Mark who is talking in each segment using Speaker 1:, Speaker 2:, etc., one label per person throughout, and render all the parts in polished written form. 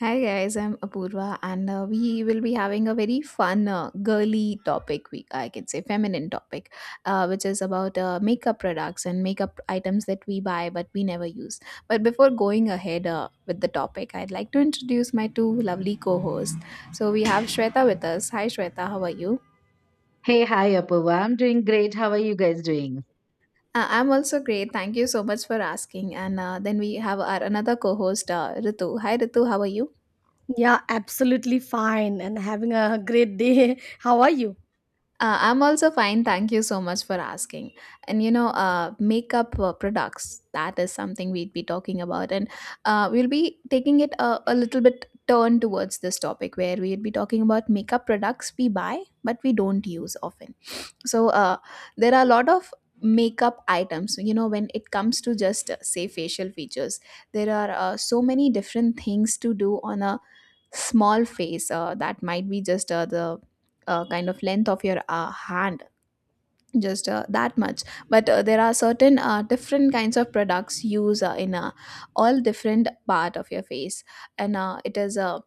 Speaker 1: Hi guys, I'm Apurva, and we will be having a very fun, girly topic. We I can say feminine topic, which is about makeup products and makeup items that we buy but we never use. But before going ahead with the topic, I'd like to introduce my two lovely co-hosts. So we have Shweta with us. Hi Shweta, how are you?
Speaker 2: Hey, hi, Apurva. I'm doing great. How are you guys doing?
Speaker 1: I'm also great. Thank you so much for asking. And then we have our another co-host, Ritu. Hi Ritu, how are you?
Speaker 3: Yeah, absolutely fine and having a great day. How are you?
Speaker 1: I'm also fine. Thank you so much for asking. And makeup products, that is something we'd be talking about. And we'll be taking it a little bit turn towards this topic where we'd be talking about makeup products we buy, but we don't use often. So there are a lot of makeup items. You know, when it comes to just, say, facial features, there are so many different things to do on a small face, that might be just, the, kind of length of your hand, just that much, but there are certain different kinds of products used in all different part of your face, and it is a,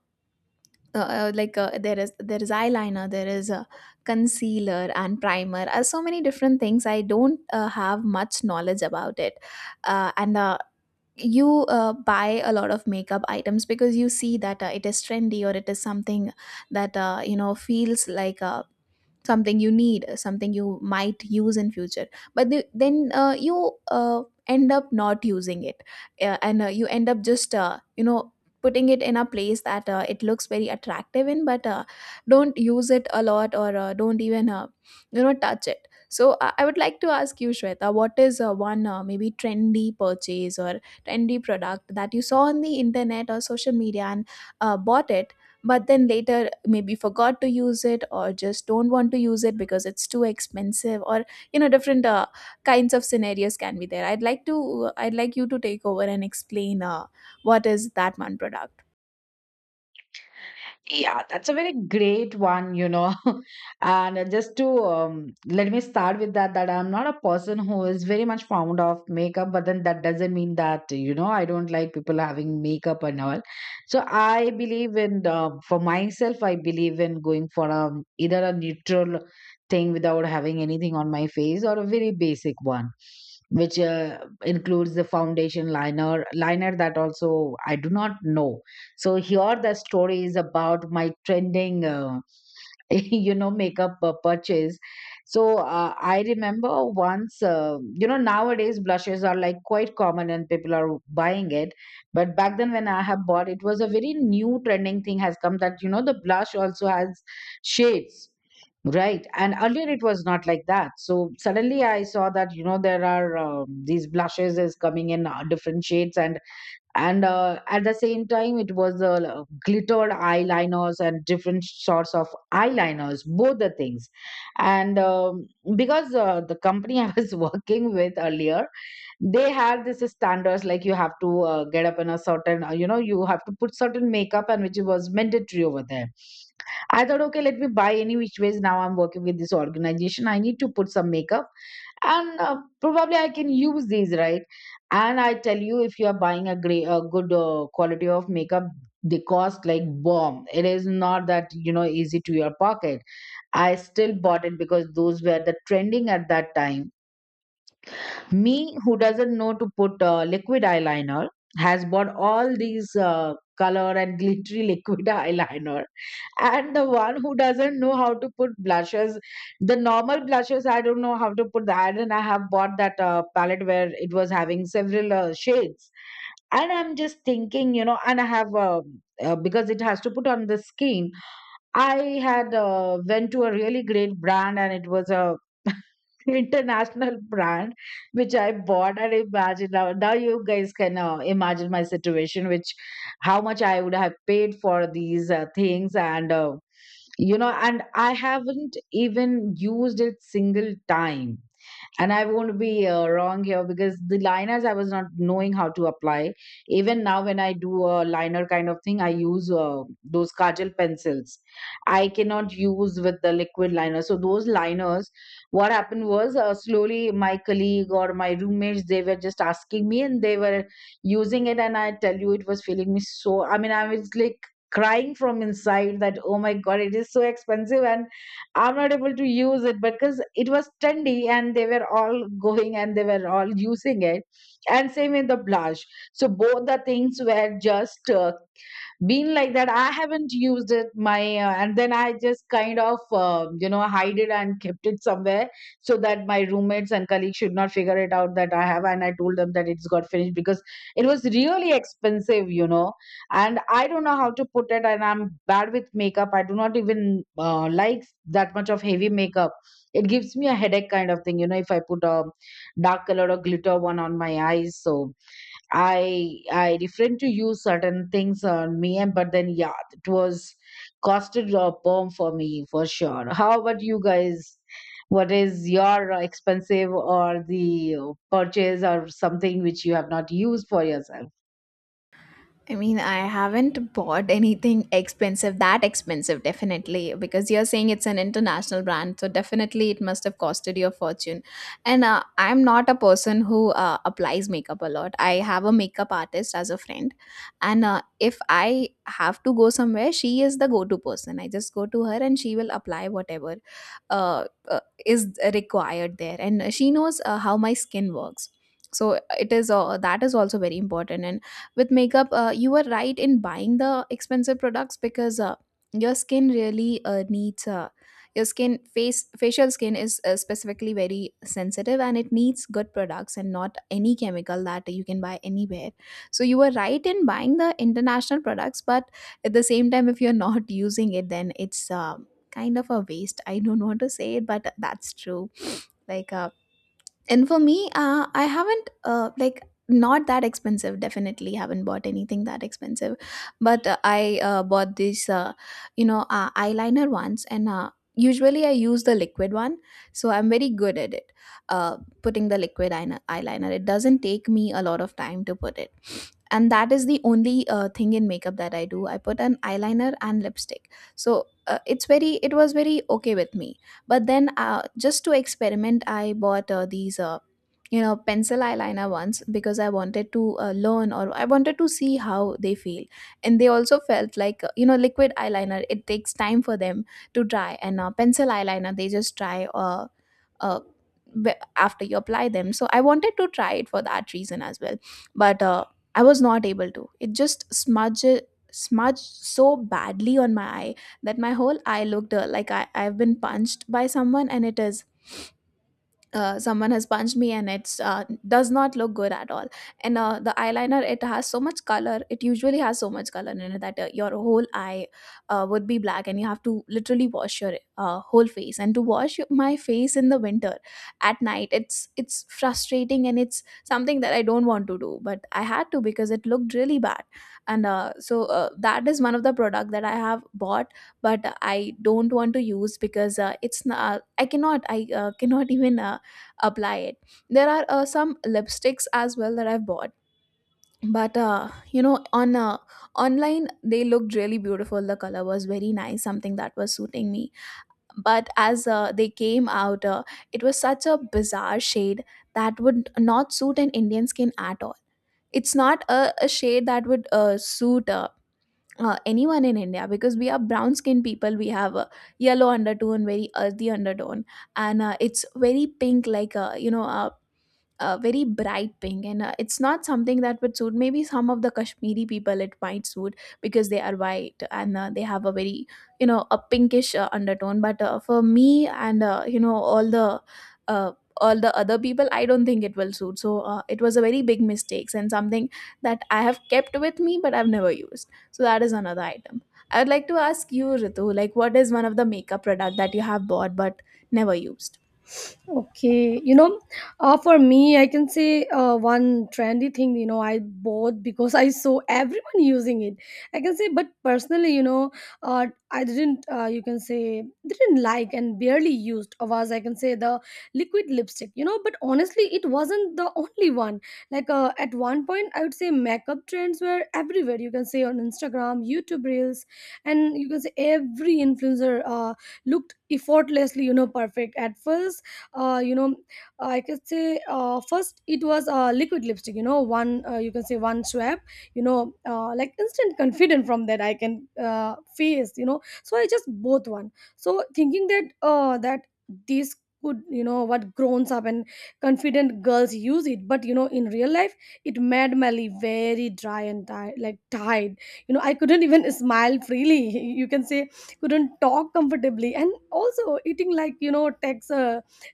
Speaker 1: like, there is eyeliner, there is a concealer and primer, so many different things. I don't have much knowledge about it. And you buy a lot of makeup items because you see that it is trendy or it is something that, feels like, something you need, something you might use in future. But then, you end up not using it, and you end up just, putting it in a place that it looks very attractive in, but don't use it a lot, or don't even, touch it. So I would like to ask you, Shweta, what is one maybe trendy purchase or trendy product that you saw on the internet or social media and bought it, but then later maybe forgot to use it or just don't want to use it because it's too expensive, or different kinds of scenarios can be there. I'd like you to take over and explain what is that one product.
Speaker 2: Yeah, that's a very great one, you know. And just to let me start with that, that I'm not a person who is very much fond of makeup, but then that doesn't mean that, you know, I don't like people having makeup and all. So I believe in, for myself, I believe in going for a either a neutral thing without having anything on my face or a very basic one. Which includes the foundation liner, that also I do not know. So here the story is about my trending, you know, makeup purchase. So I remember once, you know, nowadays blushes are like quite common and people are buying it. But back then when I have bought, it was a very new trending thing has come that, you know, the blush also has shades. Right. And earlier it was not like that. So suddenly I saw that, you know, there are these blushes is coming in different shades and and at the same time it was the glittered eyeliners and different sorts of eyeliners, both the things. And because the company I was working with earlier, they had this standards, like you have to get up in a certain you know, you have to put certain makeup, and which was mandatory over there. I thought, okay, let me buy, any which ways now I'm working with this organization, I need to put some makeup, and probably I can use these, right? And I tell you, if you are buying a great a good quality of makeup, they cost like bomb. It is not that, you know, easy to your pocket. I still bought it because those were the trending at that time. Me, who doesn't know to put liquid eyeliner, has bought all these color and glittery liquid eyeliner. And the one who doesn't know how to put blushes, the normal blushes, I don't know how to put that. And I have bought that palette where it was having several shades. And I'm just thinking, you know, and I have, because it has to put on the skin. I had went to a really great brand, and it was a international brand which I bought. And imagine, now you guys can imagine my situation, which how much I would have paid for these things. And you know, and I haven't even used it single time. And I won't be wrong here, because the liners, I was not knowing how to apply. Even now when I do a liner kind of thing, I use those kajal pencils. I cannot use with the liquid liner. So those liners, what happened was, slowly my colleague or my roommates, they were just asking me and they were using it. And I tell you, it was feeling me. So I mean, I was like crying from inside, that, oh my god, it is so expensive, and I'm not able to use it because it was trendy and they were all going and they were all using it. And same in the blush. So both the things were just been like that. I haven't used it, my and then I just kind of you know, hide it and kept it somewhere so that my roommates and colleagues should not figure it out that I have. And I told them that it's got finished because it was really expensive, you know. And I don't know how to put it, and I'm bad with makeup. I do not even like that much of heavy makeup. It gives me a headache kind of thing, you know, if I put a dark color or glitter one on my eyes. So I refrained to use certain things on me. And but then yeah, it was costed a bomb for me for sure. How about you guys? What is your expensive or the purchase or something which you have not used for yourself?
Speaker 1: I mean, I haven't bought anything expensive, that expensive, definitely, because you're saying it's an international brand. So, definitely, it must have costed you a fortune. And I'm not a person who applies makeup a lot. I have a makeup artist as a friend. And if I have to go somewhere, she is the go to person. I just go to her and she will apply whatever is required there. And she knows how my skin works. So it is, that is also very important. And with makeup, you were right in buying the expensive products, because your skin really needs, your skin face facial skin is specifically very sensitive, and it needs good products and not any chemical that you can buy anywhere. So you were right in buying the international products, but at the same time if you're not using it then it's kind of a waste. I don't want to say it, but that's true. Like, and for me, I haven't, like, not that expensive. Definitely haven't bought anything that expensive, but I bought this, eyeliner once. And usually I use the liquid one, so I'm very good at it, uh, putting the eyeliner. It doesn't take me a lot of time to put it, and that is the only thing in makeup that I do. I put an eyeliner and lipstick, so it was very okay with me. But then, just to experiment, I bought these, pencil eyeliner ones, because I wanted to learn, or I wanted to see how they feel. And they also felt like, liquid eyeliner, it takes time for them to dry, and pencil eyeliner, they just dry, uh, after you apply them. So I wanted to try it for that reason as well, but I was not able to. It just smudged so badly on my eye that my whole eye looked like I've been punched by someone, and it is someone has punched me, and it's, does not look good at all. And the eyeliner, it usually has so much color in it that your whole eye would be black, and you have to literally wash your whole face, and to wash my face in the winter at night, it's frustrating, and it's something that I don't want to do, but I had to because it looked really bad. And uh, so uh, that is one of the product that I have bought but I don't want to use, because it's not I cannot I cannot even apply it. There are some lipsticks as well that I've bought, but on online they looked really beautiful, the color was very nice, something that was suiting me. But as, they came out, it was such a bizarre shade that would not suit an Indian skin at all. It's not a shade that would suit, anyone in India, because we are brown skinned people. We have a yellow undertone, very earthy undertone, and it's very pink, like, very bright pink, and it's not something that would suit. Maybe some of the Kashmiri people it might suit, because they are white and they have a very, a pinkish undertone. But for me and, all the, uh, all the other people, I don't think it will suit. So it was a very big mistake, and something that I have kept with me but I've never used. So that is another item. I would like to ask you, Ritu, like, what is one of the makeup product that you have bought but never used?
Speaker 3: Okay, you know, for me, I can say one trendy thing, you know, I bought because I saw everyone using it. I can say, but personally, you know, I didn't, you can say, didn't like and barely used was, I can say, the liquid lipstick, you know, but honestly, it wasn't the only one. Like at one point, I would say makeup trends were everywhere. You can say on Instagram, YouTube Reels, and you can say every influencer looked effortlessly, you know, perfect at first. You know, I could say, first it was a liquid lipstick, you know, one, you can say one swab, you know, like instant confident from that I can uh, face, you know. So I just both one, so thinking that that this could, you know, what grown up and confident girls use it, but you know, in real life it made my lip very dry and tight, like tied. You know, I couldn't even smile freely, you can say, couldn't talk comfortably and also eating, like, you know, takes a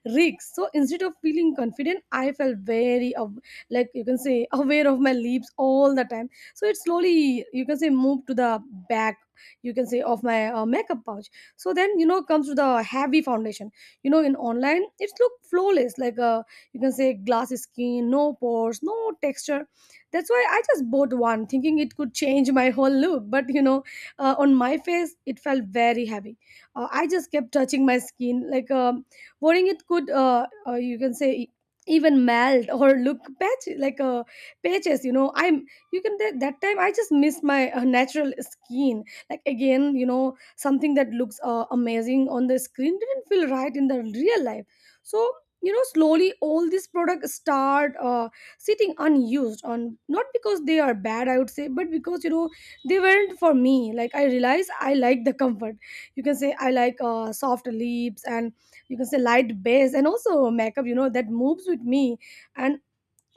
Speaker 3: rigs. So instead of feeling confident, I felt very like, you can say, aware of my lips all the time. So it slowly, you can say, moved to the back, you can say, of my makeup pouch. So then, you know, comes to the heavy foundation. You know, in online it's look flawless, like, a you can say, glassy skin, no pores, no texture. That's why I just bought one, thinking it could change my whole look, but you know, on my face it felt very heavy. I just kept touching my skin like a worrying it could, you can say, even melt or look patch, like a, patches, you know. I'm, you can, that time I just missed my natural skin, like again, you know, something that looks amazing on the screen didn't feel right in the real life. So, you know, slowly all these products start sitting unused on, not because they are bad, I would say, but because, you know, they weren't for me. Like I realize I like the comfort, you can say, I like soft lips and, you can say, light base and also makeup, you know, that moves with me, and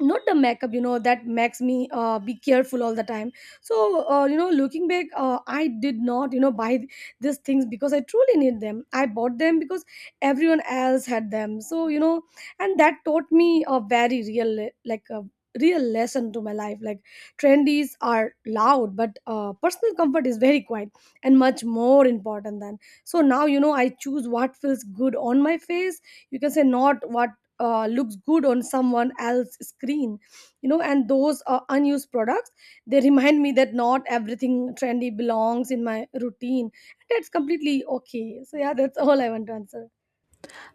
Speaker 3: not the makeup, you know, that makes me be careful all the time. So you know, looking back, I did not, you know, buy these things because I truly need them. I bought them because everyone else had them. So, you know, and that taught me a very real like a real lesson to my life, like trendies are loud, but personal comfort is very quiet and much more important than. So now, you know, I choose what feels good on my face, you can say, not what looks good on someone else's screen, you know. And those unused products, they remind me that not everything trendy belongs in my routine. That's completely okay. So yeah, that's all I want to answer.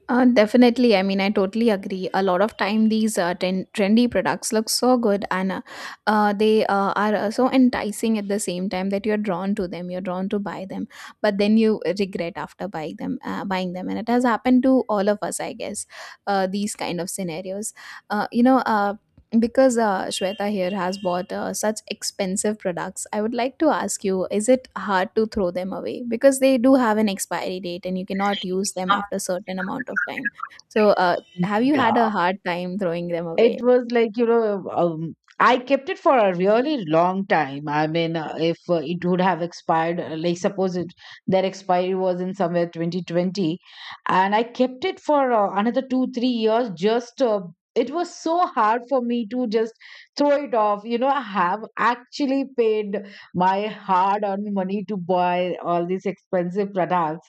Speaker 1: Definitely. I mean, I totally agree. A lot of time, these trendy products look so good, and they are so enticing at the same time that you're drawn to them. You're drawn to buy them, but then you regret after buying them. Buying them, and it has happened to all of us, I guess. These kind of scenarios. Uh, you know, uh, because Shweta here has bought such expensive products, I would like to ask you, is it hard to throw them away? Because they do have an expiry date and you cannot use them after a certain amount of time. So, have you had
Speaker 2: Yeah.
Speaker 1: a hard time throwing them away?
Speaker 2: It was like, you know, I kept it for a really long time. I mean, if it would have expired, like suppose it, their expiry was in somewhere 2020, and I kept it for another 2 3 years. Just it was so hard for me to just throw it off, you know. I have actually paid my hard earned money to buy all these expensive products.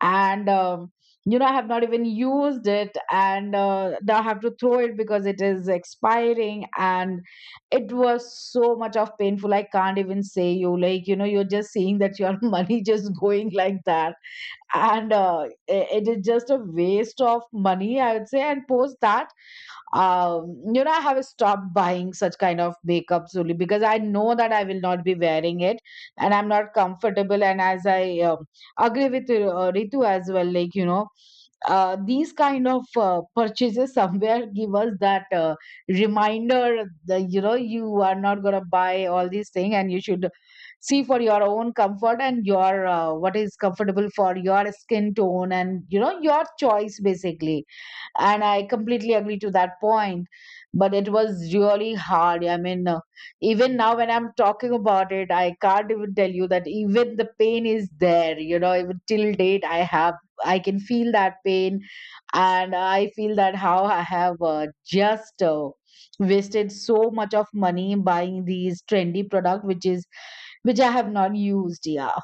Speaker 2: And you know, I have not even used it, and now I have to throw it because it is expiring. And it was so much of painful, I can't even say. You, like, you know, you're just seeing that your money just going like that. And it is just a waste of money, I would say. And post that, you know, I have stopped buying such kind of makeup, solely because I know that I will not be wearing it and I'm not comfortable. And as I agree with Ritu as well, like you know, these kind of purchases somewhere give us that reminder that, you know, you are not going to buy all these things and you should see for your own comfort and your what is comfortable for your skin tone and, you know, your choice basically. And I completely agree to that point. But it was really hard. I mean, even now when I'm talking about it, I can't even tell you that even the pain is there, you know. Even till date, I have, I can feel that pain. And I feel that how I have just wasted so much of money buying these trendy product, which I have not used, yeah.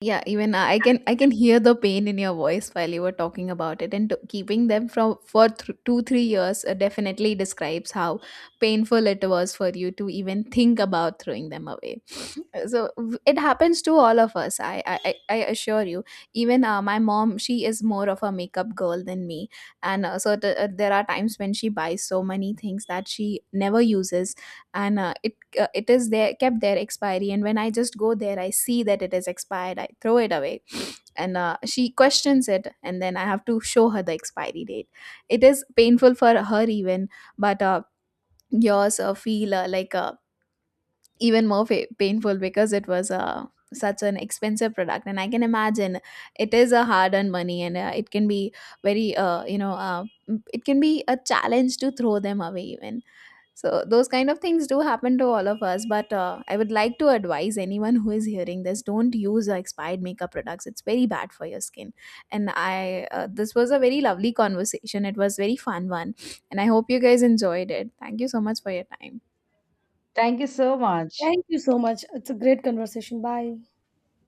Speaker 1: Yeah, even I can hear the pain in your voice while you were talking about it, and to, keeping them from for 2-3 years definitely describes how painful it was for you to even think about throwing them away. So it happens to all of us. I assure you. Even my mom, she is more of a makeup girl than me, and, there are times when she buys so many things that she never uses, and it is there kept there expiry, and when I just go there I see that it is expired I throw it away. And she questions it, and then I have to show her the expiry date. It is painful for her even, but yours feel, like, even more painful because it was, such an expensive product, and I can imagine it is a hard earned money, and it can be very, it can be a challenge to throw them away even. So those kind of things do happen to all of us, but I would like to advise anyone who is hearing this: don't use expired makeup products. It's very bad for your skin. This was a very lovely conversation. It was very fun one, and I hope you guys enjoyed it. Thank you so much for your time.
Speaker 2: Thank you so much.
Speaker 3: Thank you so much. It's a great conversation. Bye.